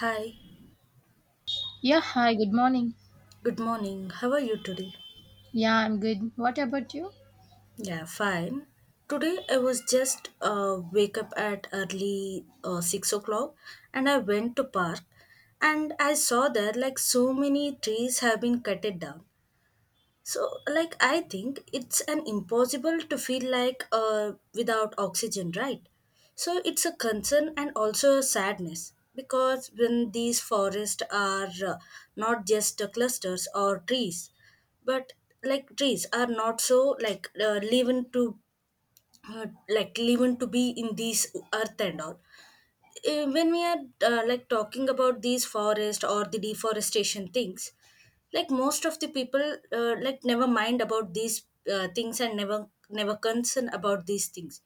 Hi, Yeah, hi, good morning. good morning. How are you today? Yeah, I'm good. What about you? Yeah, fine. Today I was just wake up at early 6 o'clock, and I went to park, and I saw there like so many trees have been cut it down. So, like, I think it's an impossible to feel like without oxygen, right? So, it's a concern and also a sadness because when these forests are not just clusters or trees, but like trees are not so like living to like living to be in these earth and all. When we are like talking about these forest or the deforestation things, like most of the people like never mind about these things and never concern about these things,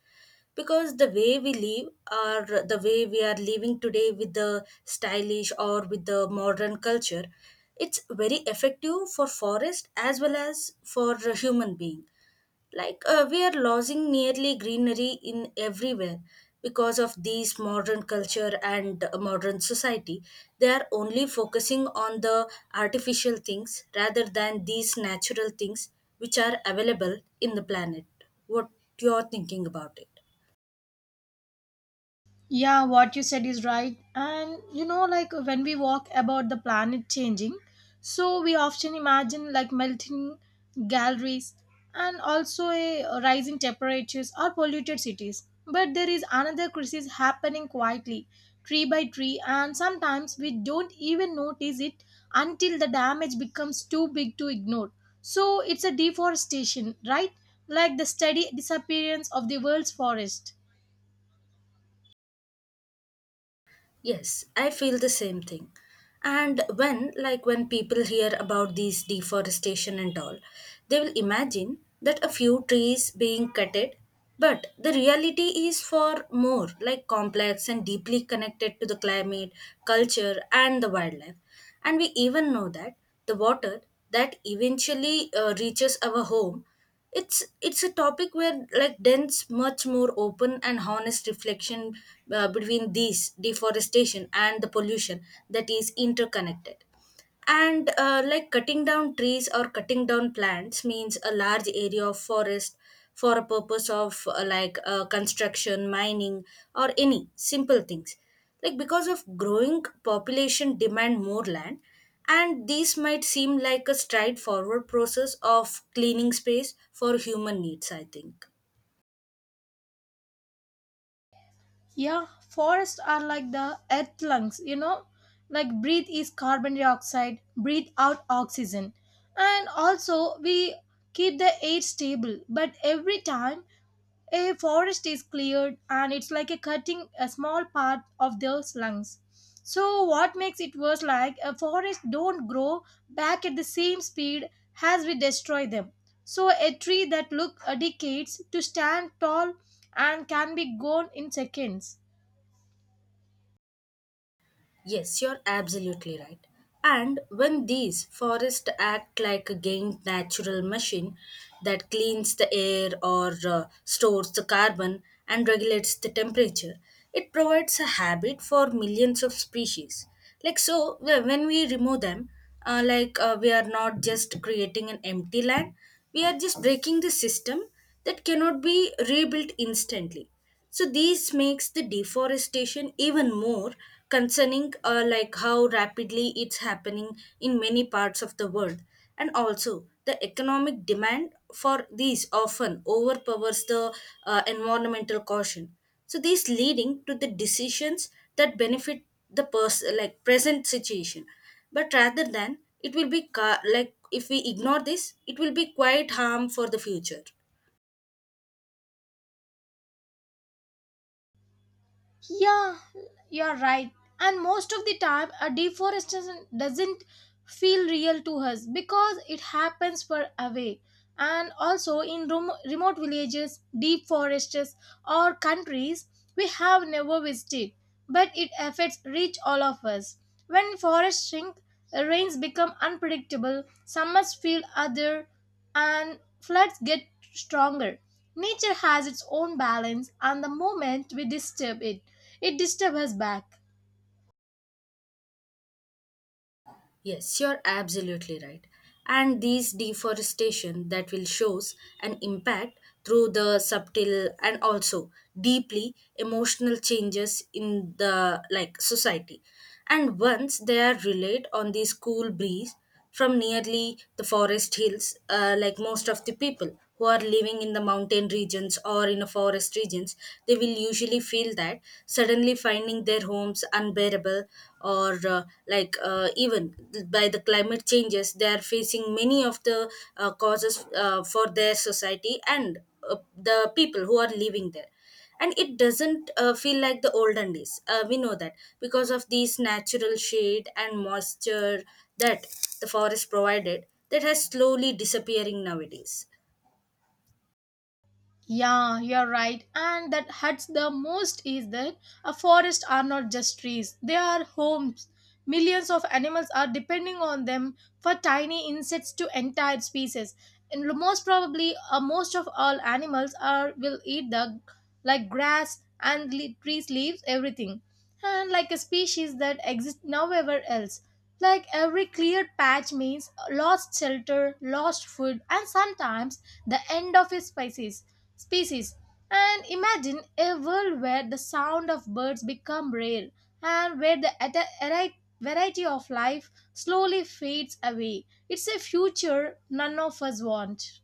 because the way we live or the way we are living today with the stylish or with the modern culture, it's very effective for forest as well as for a human being. Like we are losing nearly greenery in everywhere because of these modern culture and modern society, they are only focusing on the artificial things rather than these natural things which are available in the planet. What you're thinking about it? Yeah, what you said is right. And you know, like when we walk about the planet changing, so we often imagine like melting galleries and also a rising temperatures or polluted cities. But there is another crisis happening quietly, tree by tree, and sometimes we don't even notice it until the damage becomes too big to ignore. So it's a deforestation, right? Like the steady disappearance of the world's forest. Yes, I feel the same thing. And when, like, when people hear about these deforestation and all, they will imagine that a few trees being cutted, but the reality is for more, like, complex and deeply connected to the climate, culture, and the wildlife. And we even know that the water that eventually reaches our home, it's a topic where like dense much more open and honest reflection between these deforestation and the pollution that is interconnected. And like cutting down trees or cutting down plants means a large area of forest for a purpose of like construction mining or any simple things, like because of growing population demand more land. And these might seem like a straightforward process of cleaning space for human needs, I think. Yeah, forests are like the earth lungs, you know, like breathe is carbon dioxide, breathe out oxygen. And also, we keep the air stable, but every time a forest is cleared and it's like a cutting a small part of those lungs. So what makes it worse, like a forest don't grow back at the same speed as we destroy them. So a tree that look a decades to stand tall and can be gone in seconds. Yes, you're absolutely right. And when these forests act like a gained natural machine that cleans the air or stores the carbon and regulates the temperature, it provides a habit for millions of species. Like so, when we remove them, like we are not just creating an empty land, we are just breaking the system that cannot be rebuilt instantly. So this makes the deforestation even more concerning, like how rapidly it's happening in many parts of the world, and also the economic demand for these often overpowers the environmental caution. So this leading to the decisions that benefit the person, like present situation, but rather than it will be like if we ignore this, it will be quite harm for the future. Yeah, you're right. And most of the time, a deforestation doesn't feel real to us because it happens far away. And also in remote villages, deep forests, or countries we have never visited, but it affects reach all of us. When forests shrink, rains become unpredictable, summers feel other, and floods get stronger. Nature has its own balance, and the moment we disturb it, it disturbs us back. Yes, you're absolutely right. And these deforestation that will shows an impact through the subtle and also deeply emotional changes in the like society. And once they are relayed on the school breeze, from nearly the forest hills, like most of the people who are living in the mountain regions or in a forest regions, they will usually feel that suddenly finding their homes unbearable or like even by the climate changes, they are facing many of the causes for their society and the people who are living there. And it doesn't feel like the olden days, we know that, because of these natural shade and moisture that the forest provided that has slowly disappearing nowadays. Yeah, you're right. And that hurts the most is that a forest are not just trees, they are homes. Millions of animals are depending on them for tiny insects to entire species. And most probably, most of all animals are will eat the like grass and trees, leaves, everything. And like a species that exists nowhere else. Like every cleared patch means lost shelter, lost food, and sometimes the end of a species. Species. And imagine a world where the sound of birds become rare and where the variety of life slowly fades away. It's a future none of us want.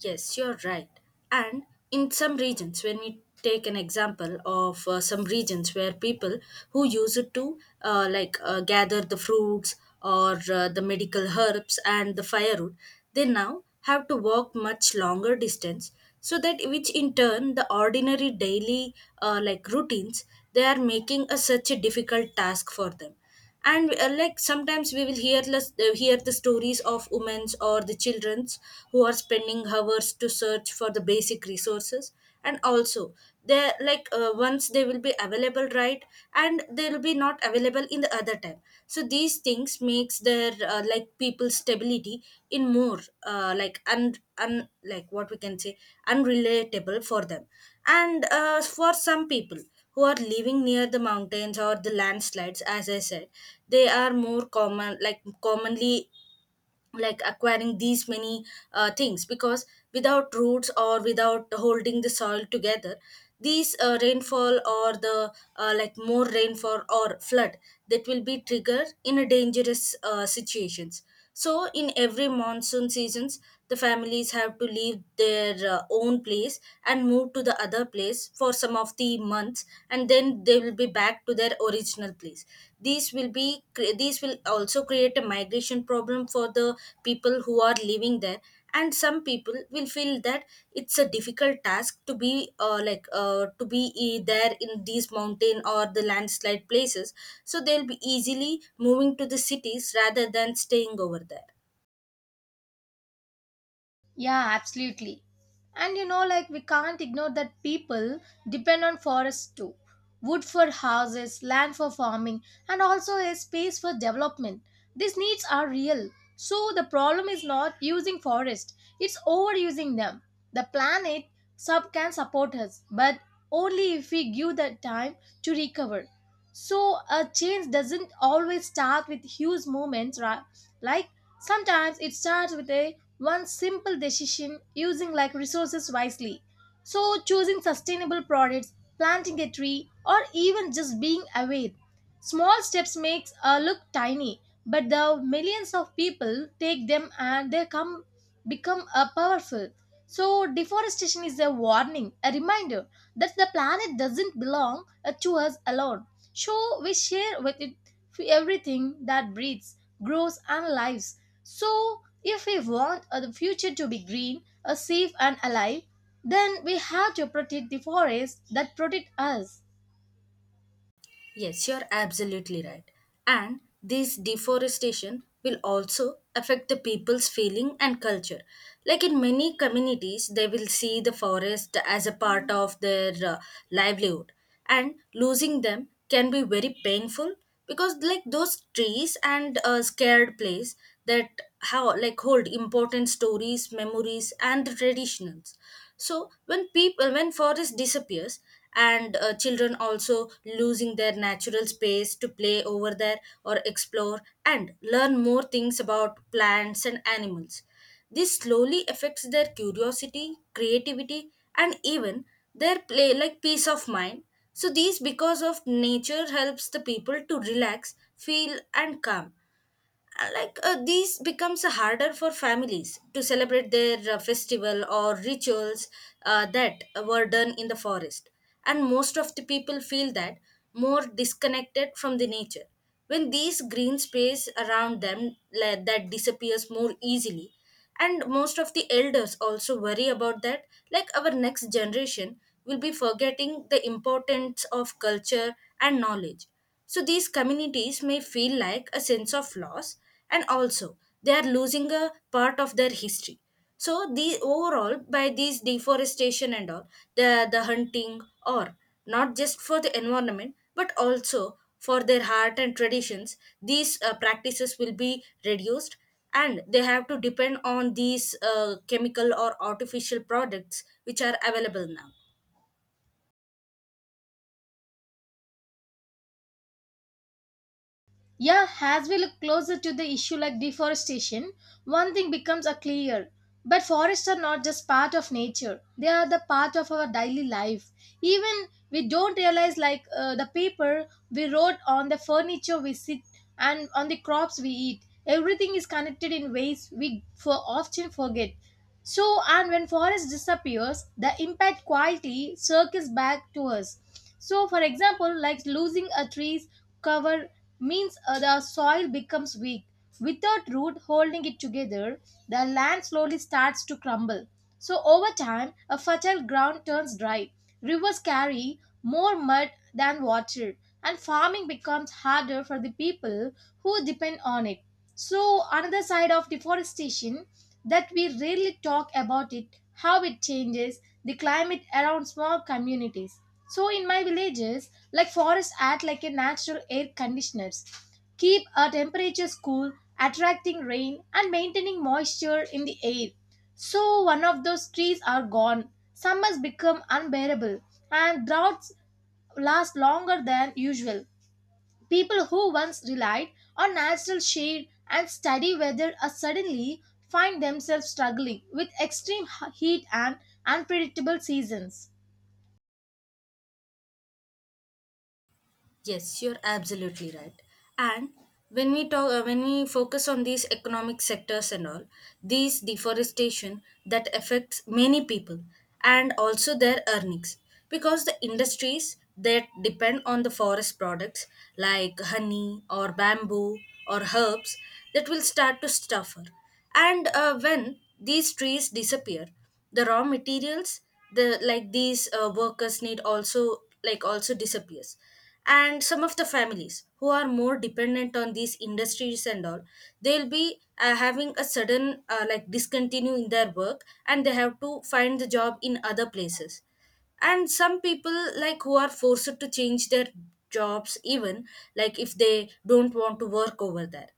Yes, you're right. And in some regions, when we take an example of some regions where people who use it to like gather the fruits or the medical herbs and the firewood, they now have to walk much longer distance. So that which in turn the ordinary daily like routines, they are making a such a difficult task for them. And like sometimes we will hear less, hear the stories of women's or the children's who are spending hours to search for the basic resources. And also they like once they will be available, right, and they will be not available in the other time, so these things makes their like people stability in more like un, un like what we can say, unrelatable for them. And for some people who are living near the mountains or the landslides, as I said, they are more common, like commonly like acquiring these many things, because without roots or without holding the soil together, these rainfall or the like more rainfall or flood, that will be triggered in a dangerous situations. So in every monsoon seasons, the families have to leave their own place and move to the other place for some of the months, and then they will be back to their original place. These will be these will also create a migration problem for the people who are living there. And some people will feel that it's a difficult task to be like to be there in these mountain or the landslide places, so they'll be easily moving to the cities rather than staying over there. Yeah, absolutely. And you know, like we can't ignore that people depend on forests too. Wood for houses, land for farming, and also a space for development. These needs are real. So the problem is not using forest, it's overusing them. The planet sub can support us, but only if we give the time to recover. So a change doesn't always start with huge movements, right? Like sometimes it starts with a one simple decision using like resources wisely, so choosing sustainable products, planting a tree, or even just being aware. Small steps makes a look tiny, but the millions of people take them and they come become a powerful. So deforestation is a warning, a reminder that the planet doesn't belong to us alone. So we share with it everything that breathes, grows and lives. So if we want the future to be green, safe and alive, then we have to protect the forests that protect us. Yes, you're absolutely right. And this deforestation will also affect the people's feeling and culture. Like in many communities, they will see the forest as a part of their livelihood, and losing them can be very painful, because like those trees and scared place that how like hold important stories, memories, and the traditions. So when people, when forest disappears, and children also losing their natural space to play over there or explore and learn more things about plants and animals, this slowly affects their curiosity, creativity, and even their play like peace of mind. So these, because of nature helps the people to relax feel and calm, like these becomes harder for families to celebrate their festival or rituals that were done in the forest. And most of the people feel that more disconnected from the nature when these green space around them, like, that disappears more easily. And most of the elders also worry about that, like our next generation will be forgetting the importance of culture and knowledge. So these communities may feel like a sense of loss, and also they are losing a part of their history. So the overall by these deforestation and all, the hunting, or not just for the environment but also for their heart and traditions, these practices will be reduced, and they have to depend on these chemical or artificial products which are available now. Yeah, as we look closer to the issue like deforestation, one thing becomes a clear. But forests are not just part of nature; they are the part of our daily life. Even we don't realize, like the paper we wrote on the furniture we sit and on the crops we eat. Everything is connected in ways we for often forget. So, and when forest disappears, the impact quietly circles back to us. So, for example, like losing a tree's cover means the soil becomes weak. Without root holding it together, the land slowly starts to crumble. So, over time, a fertile ground turns dry. Rivers carry more mud than water, and farming becomes harder for the people who depend on it. So another side of deforestation that we rarely talk about, it how it changes the climate around small communities. So in my villages, like forests act like a natural air conditioners, keep our temperatures cool, attracting rain and maintaining moisture in the air. So one of those trees are gone. Summers become unbearable and droughts last longer than usual. People who once relied on natural shade and steady weather are suddenly find themselves struggling with extreme heat and unpredictable seasons. Yes, you're absolutely right. And when we talk, when we focus on these economic sectors and all, these deforestation that affects many people and also their earnings, because the industries that depend on the forest products like honey or bamboo or herbs, that will start to suffer. And when these trees disappear, the raw materials the like these workers need also like also disappears. And some of the families who are more dependent on these industries and all, they'll be having a sudden like discontinue in their work, and they have to find the job in other places. And some people like who are forced to change their jobs even, like if they don't want to work over there.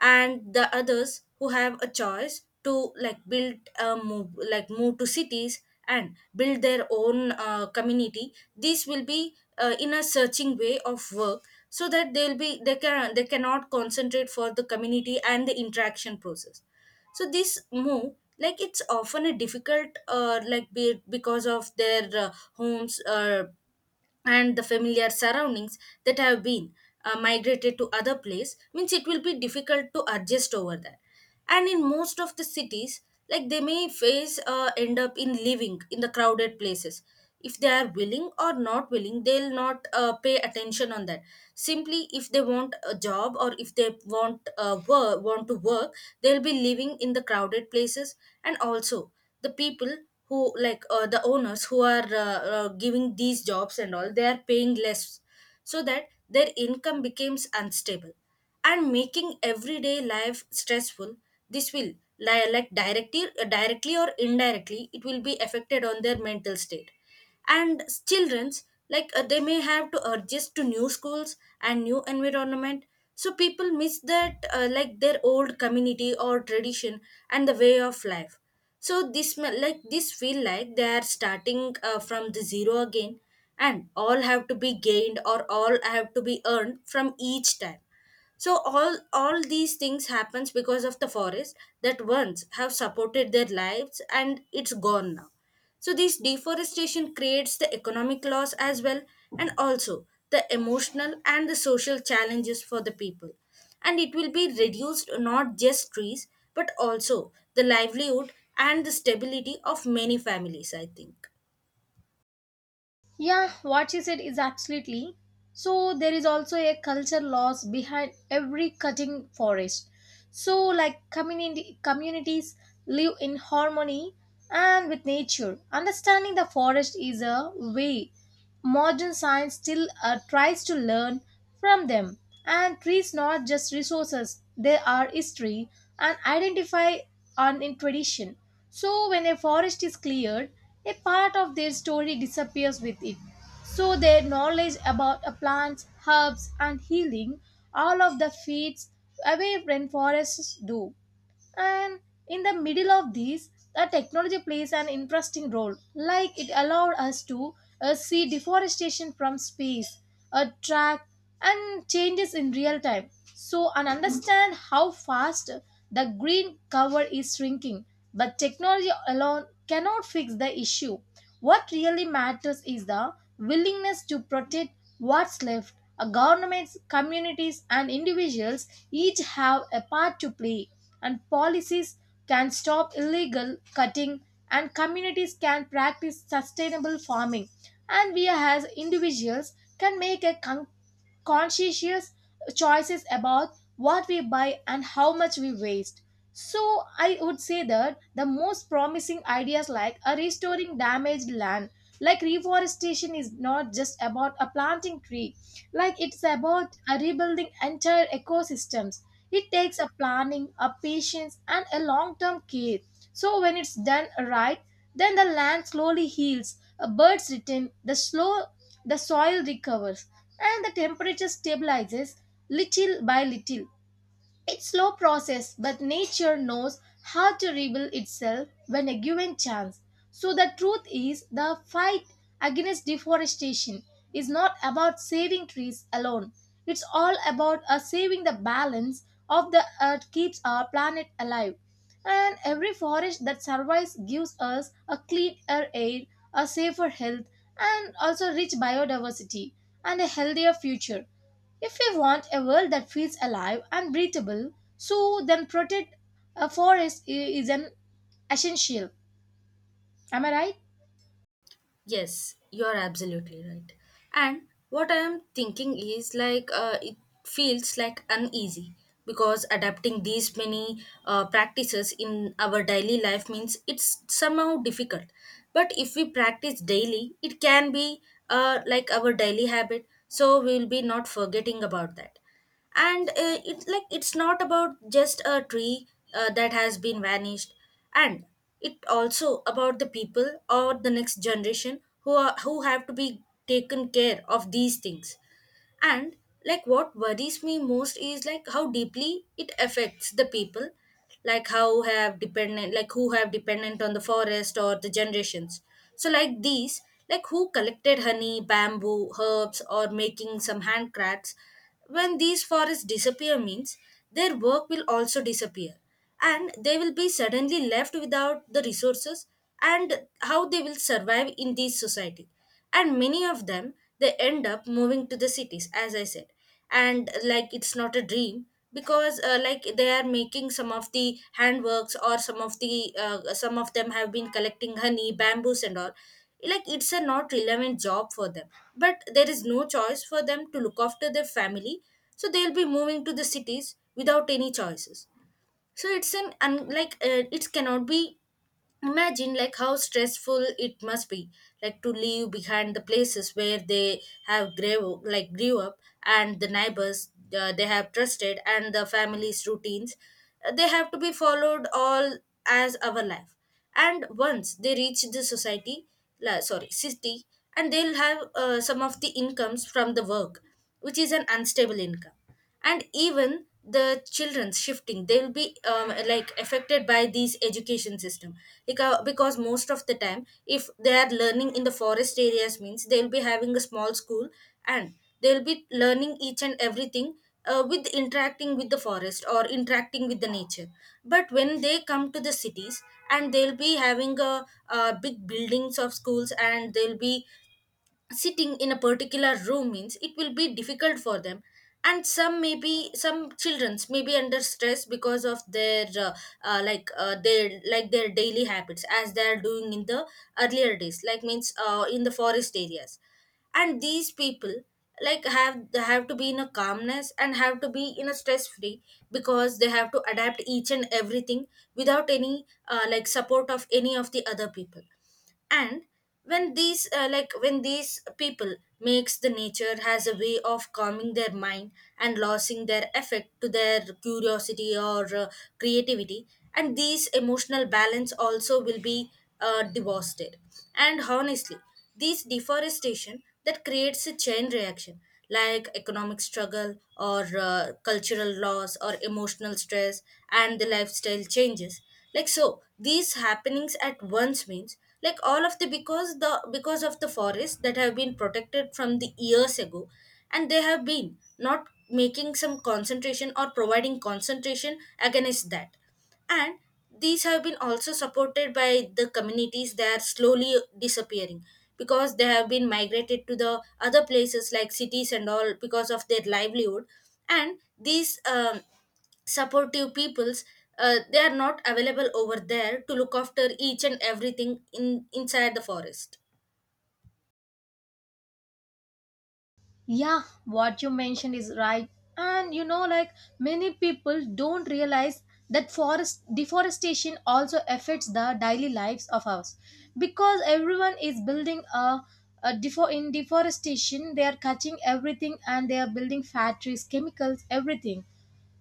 And the others who have a choice to like build a move, like move to cities and build their own community, this will be in a searching way of work, so that they'll be, they can, they cannot concentrate for the community and the interaction process. So this move like it's often a difficult like be, because of their homes and the familiar surroundings that have been migrated to other place means it will be difficult to adjust over there. And in most of the cities, like they may face end up in living in the crowded places, if they are willing or not willing they'll not pay attention on that, simply if they want a job or if they want work, want to work, they'll be living in the crowded places. And also the people who like the owners who are giving these jobs and all, they are paying less, so that their income becomes unstable and making everyday life stressful. This will like directly or indirectly it will be affected on their mental state. And children's, like they may have to adjust to new schools and new environment, so people miss that like their old community or tradition and the way of life. So this like this feel like they are starting from the zero again, and all have to be gained or all have to be earned from each time. So all these things happens because of the forest that once have supported their lives and it's gone now. So this deforestation creates the economic loss as well, and also the emotional and the social challenges for the people. And it will be reduced not just trees, but also the livelihood and the stability of many families I think. Yeah, what she said is absolutely. So there is also a culture loss behind every cutting forest. So like community communities live in harmony and with nature. Understanding the forest is a way. Modern science still tries to learn from them and treats not just resources, they are history and identify on in tradition. So when a forest is cleared, a part of their story disappears with it. So their knowledge about a plants, herbs and healing, all of the feeds away when forests do. And in the middle of these, the technology plays an interesting role, like it allowed us to see deforestation from space, track, and changes in real time. So, and understand how fast the green cover is shrinking. But technology alone cannot fix the issue. What really matters is the willingness to protect what's left. Governments, communities, and individuals each have a part to play, and policies can stop illegal cutting, and communities can practice sustainable farming, and we as individuals can make a conscientious choices about what we buy and how much we waste. So I would say that the most promising ideas like a restoring damaged land, like reforestation is not just about a planting tree, like it's about a rebuilding entire ecosystems. It takes a planning, a patience, and a long-term care. So when it's done right, then the land slowly heals, a birds return, the soil recovers, and the temperature stabilizes little by little. It's slow process, but nature knows how to rebuild itself when a given chance. So the truth is the fight against deforestation is not about saving trees alone. It's all about us saving the balance of the earth keeps our planet alive. And every forest that survives gives us a cleaner air, a safer health, and also rich biodiversity and a healthier future. If we want a world that feels alive and breathable, so then protect a is an essential. Am I right? Yes, you are absolutely right. And what I am thinking is like it feels like uneasy, because adapting these many practices in our daily life means it's somehow difficult. But if we practice daily, it can be like our daily habit, so we will be not forgetting about that. And it like it's not about just a tree that has been vanished, and it also about the people or the next generation who are who have to be taken care of these things. And like what worries me most is like how deeply it affects the people, like how have dependent like who have dependent on the forest or the generations. So like these, like who collected honey bamboo herbs or making some handcrafts, when these forests disappear means their work will also disappear, and they will be suddenly left without the resources. And how they will survive in this society, and many of them they end up moving to the cities as I said. And like it's not a dream, because like they are making some of the handworks or some of the some of them have been collecting honey bamboos and all. Like it's a not relevant job for them, but there is no choice for them to look after their family, so they'll be moving to the cities without any choices. So like it cannot be imagined like how stressful it must be, like to leave behind the places where they have grew like grew up, and the neighbors they have trusted, and the family's routines. They have to be followed all as our life. And once they reach sorry city, and they'll have some of the incomes from the work, which is an unstable income. And even the children's shifting they'll be like affected by these education system, because most of the time if they are learning in the forest areas means they'll be having a small school, and they'll be learning each and everything with interacting with the forest or interacting with the nature. But when they come to the cities, and they'll be having a, big buildings of schools, and they'll be sitting in a particular room means it will be difficult for them. And some maybe some childrens may be under stress because of their like their like their daily habits as they are doing in the earlier days like means in the forest areas. And these people like have they have to be in a calmness and have to be in a stress free, because they have to adapt each and everything without any like support of any of the other people. And when these like when these people makes the nature has a way of calming their mind, and losing their effect to their curiosity or creativity, and these emotional balance also will be devastated. And honestly, this deforestation that creates a chain reaction, like economic struggle or cultural loss or emotional stress and the lifestyle changes. Like so these happenings at once means, like all of the because of the forests that have been protected from the years ago, and they have been not making some concentration or providing concentration against that. And these have been also supported by the communities that are slowly disappearing, because they have been migrated to the other places like cities and all because of their livelihood. And these supportive peoples they are not available over there to look after each and everything in inside the forest. Yeah, what you mentioned is right. And you know, like many people don't realize that forest deforestation also affects the daily lives of us because everyone is building in deforestation they are cutting everything and they are building factories chemicals everything,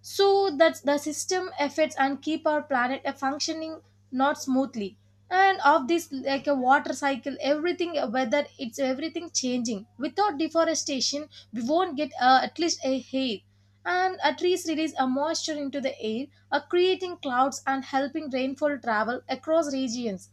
so that the system affects and keep our planet functioning not smoothly. And of this like a water cycle everything, whether it's everything changing without deforestation we won't get at least a hair. And trees release a moisture into the air, creating clouds and helping rainfall travel across regions.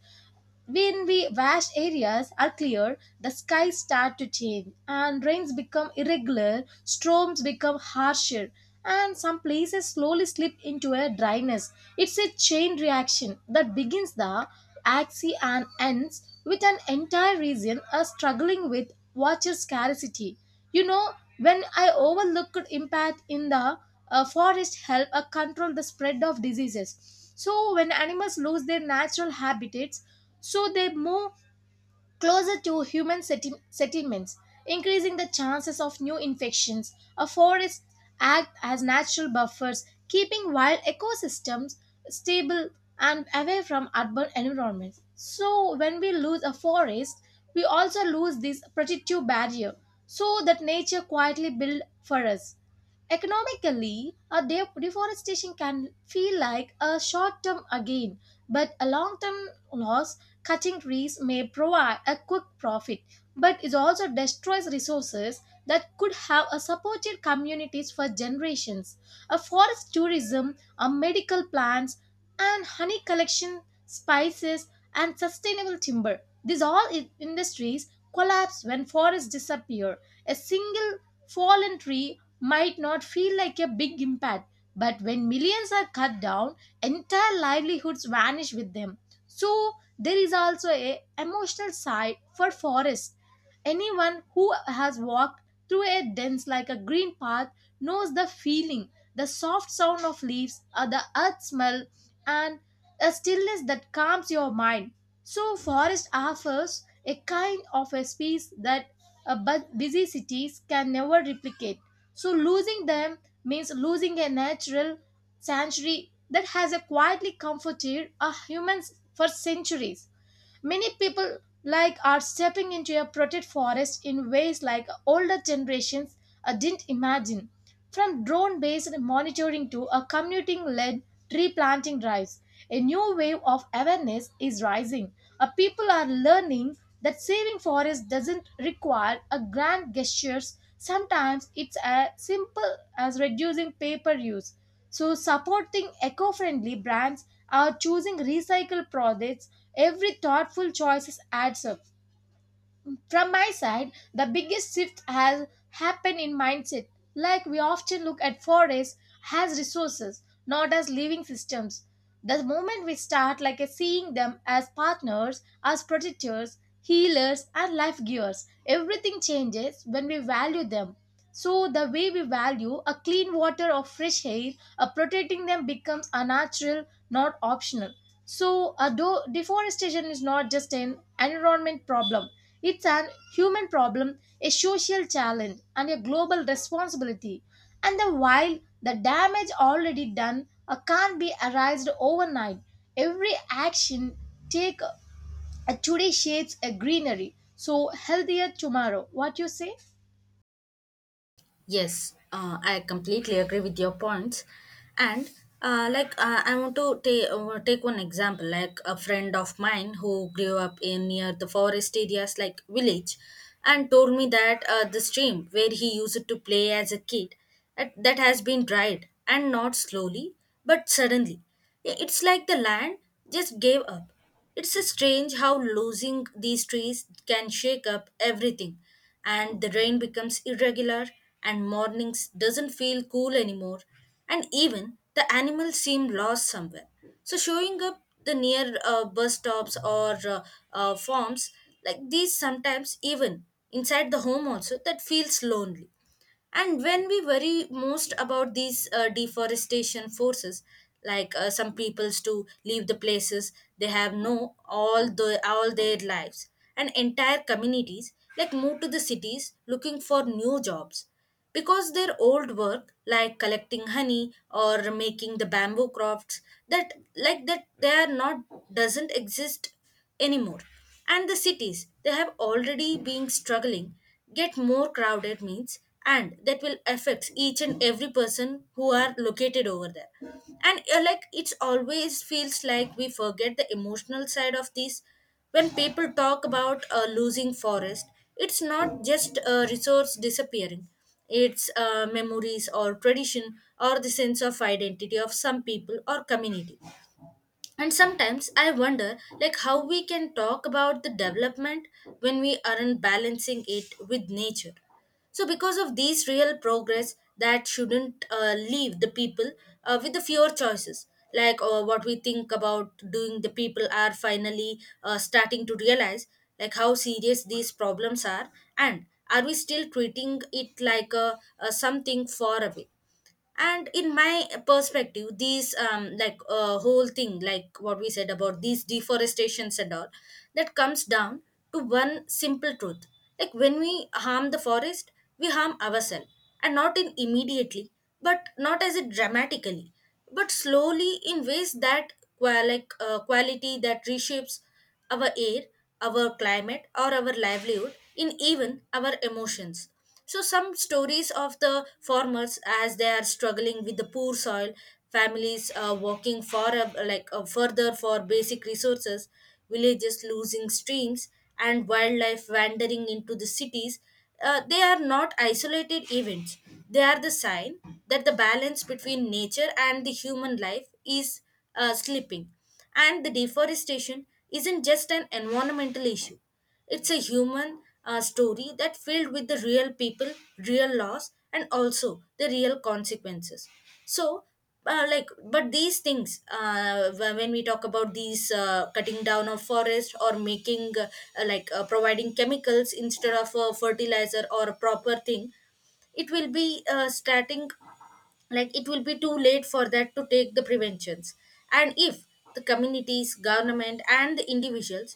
When we vast areas are cleared, the skies start to change and rains become irregular, storms become harsher, and some places slowly slip into a dryness. It's a chain reaction that begins the axis and ends with an entire region are struggling with water scarcity. You know, when I overlooked impact in the forest help control the spread of diseases. So when animals lose their natural habitats, so they move closer to human settlements, increasing the chances of new infections. A forest act as natural buffers, keeping wild ecosystems stable and away from urban environments. So when we lose a forest, we also lose this protective barrier so that nature quietly built for us. Economically, a deforestation can feel like a short term gain, but a long term loss. Cutting trees may provide a quick profit, but it also destroys resources that could have supported communities for generations. A forest tourism, a medical plants, and honey collection, spices, and sustainable timber. These all industries collapse when forests disappear. A single fallen tree might not feel like a big impact, but when millions are cut down, entire livelihoods vanish with them. So there is also a emotional side for forests. Anyone who has walked through a dense like a green path knows the feeling, the soft sound of leaves, or the earth smell, and a stillness that calms your mind. So forest offers a kind of a space that busy cities can never replicate. So, losing them means losing a natural sanctuary that has quietly comforted a humans for centuries. Many people like are stepping into a protected forest in ways like older generations didn't imagine. From drone based monitoring to a commuting led tree planting drives, a new wave of awareness is rising. People are learning that saving forests doesn't require a grand gestures. Sometimes it's as simple as reducing paper use, so supporting eco friendly brands are choosing recycled products. Every thoughtful choice adds up. From my side, the biggest shift has happened in mindset. Like we often look at forests as resources, not as living systems. The moment we start like a seeing them as partners, as protectors, healers, and life givers, everything changes when we value them. So the way we value a clean water or fresh air, a protecting them becomes a natural, not optional. So although deforestation is not just an environment problem, it's an human problem, a social challenge, and a global responsibility. And the while the damage already done can't be erased overnight, every action take today shades a greenery, so healthier tomorrow. What you say? Yes, I completely agree with your points. And like I want to ta- take one example, like a friend of mine who grew up in near the forest areas like village, and told me that the stream where he used to play as a kid, that has been dried, and not slowly but suddenly. It's like the land just gave up. It's strange how losing these trees can shake up everything, and the rain becomes irregular, and mornings doesn't feel cool anymore, and even the animals seem lost somewhere. So showing up the near bus stops or farms, like these sometimes even inside the home also that feels lonely. And when we worry most about these deforestation forces, like some peoples to leave the places they have no all the all their lives, and entire communities like move to the cities looking for new jobs, because their old work like collecting honey or making the bamboo crafts, that like that they are not doesn't exist anymore. And the cities they have already been struggling get more crowded means, and that will affect each and every person who are located over there. And like it's always feels like we forget the emotional side of this. When people talk about losing forest, it's not just a resource disappearing, its memories or tradition or the sense of identity of some people or community. And sometimes I wonder like how we can talk about the development when we aren't balancing it with nature. So because of these real progress that shouldn't leave the people with the fewer choices. Like what we think about doing, the people are finally starting to realize like how serious these problems are, and are we still treating it like a something far away. And in my perspective, these like whole thing like what we said about these deforestations and all, that comes down to one simple truth. Like when we harm the forest, we harm ourselves, and not in immediately but not as it dramatically, but slowly in ways that like quality that reshapes our air, our climate, or our livelihood, in even our emotions. So, some stories of the farmers as they are struggling with the poor soil, families like further for basic resources, villages losing streams, and wildlife wandering into the cities. They are not isolated events. They are the sign that the balance between nature and the human life is slipping. And the deforestation isn't just an environmental issue, it's a human story that filled with the real people, real loss, and also the real consequences. So, like, but these things, when we talk about these cutting down of forest or making, like, providing chemicals instead of a fertilizer or a proper thing, it will be starting like it will be too late for that to take the preventions. And if the communities government and the individuals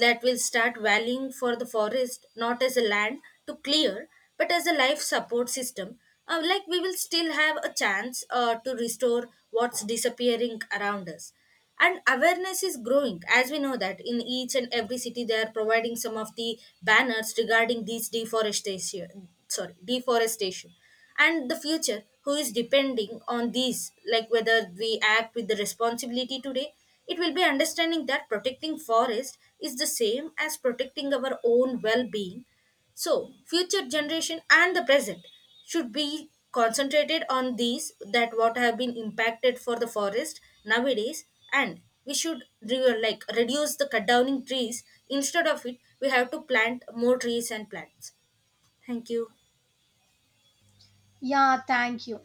that will start valuing for the forest not as a land to clear, but as a life support system, like we will still have a chance to restore what's disappearing around us. And awareness is growing, as we know that in each and every city they are providing some of the banners regarding these deforestation sorry deforestation. And the future who is depending on these, like whether we act with the responsibility today, it will be understanding that protecting forest is the same as protecting our own well-being. So, future generation and the present should be concentrated on these that what have been impacted for the forest nowadays. And we should like reduce the cut downing trees, instead of it we have to plant more trees and plants. Thank you. Yeah, thank you.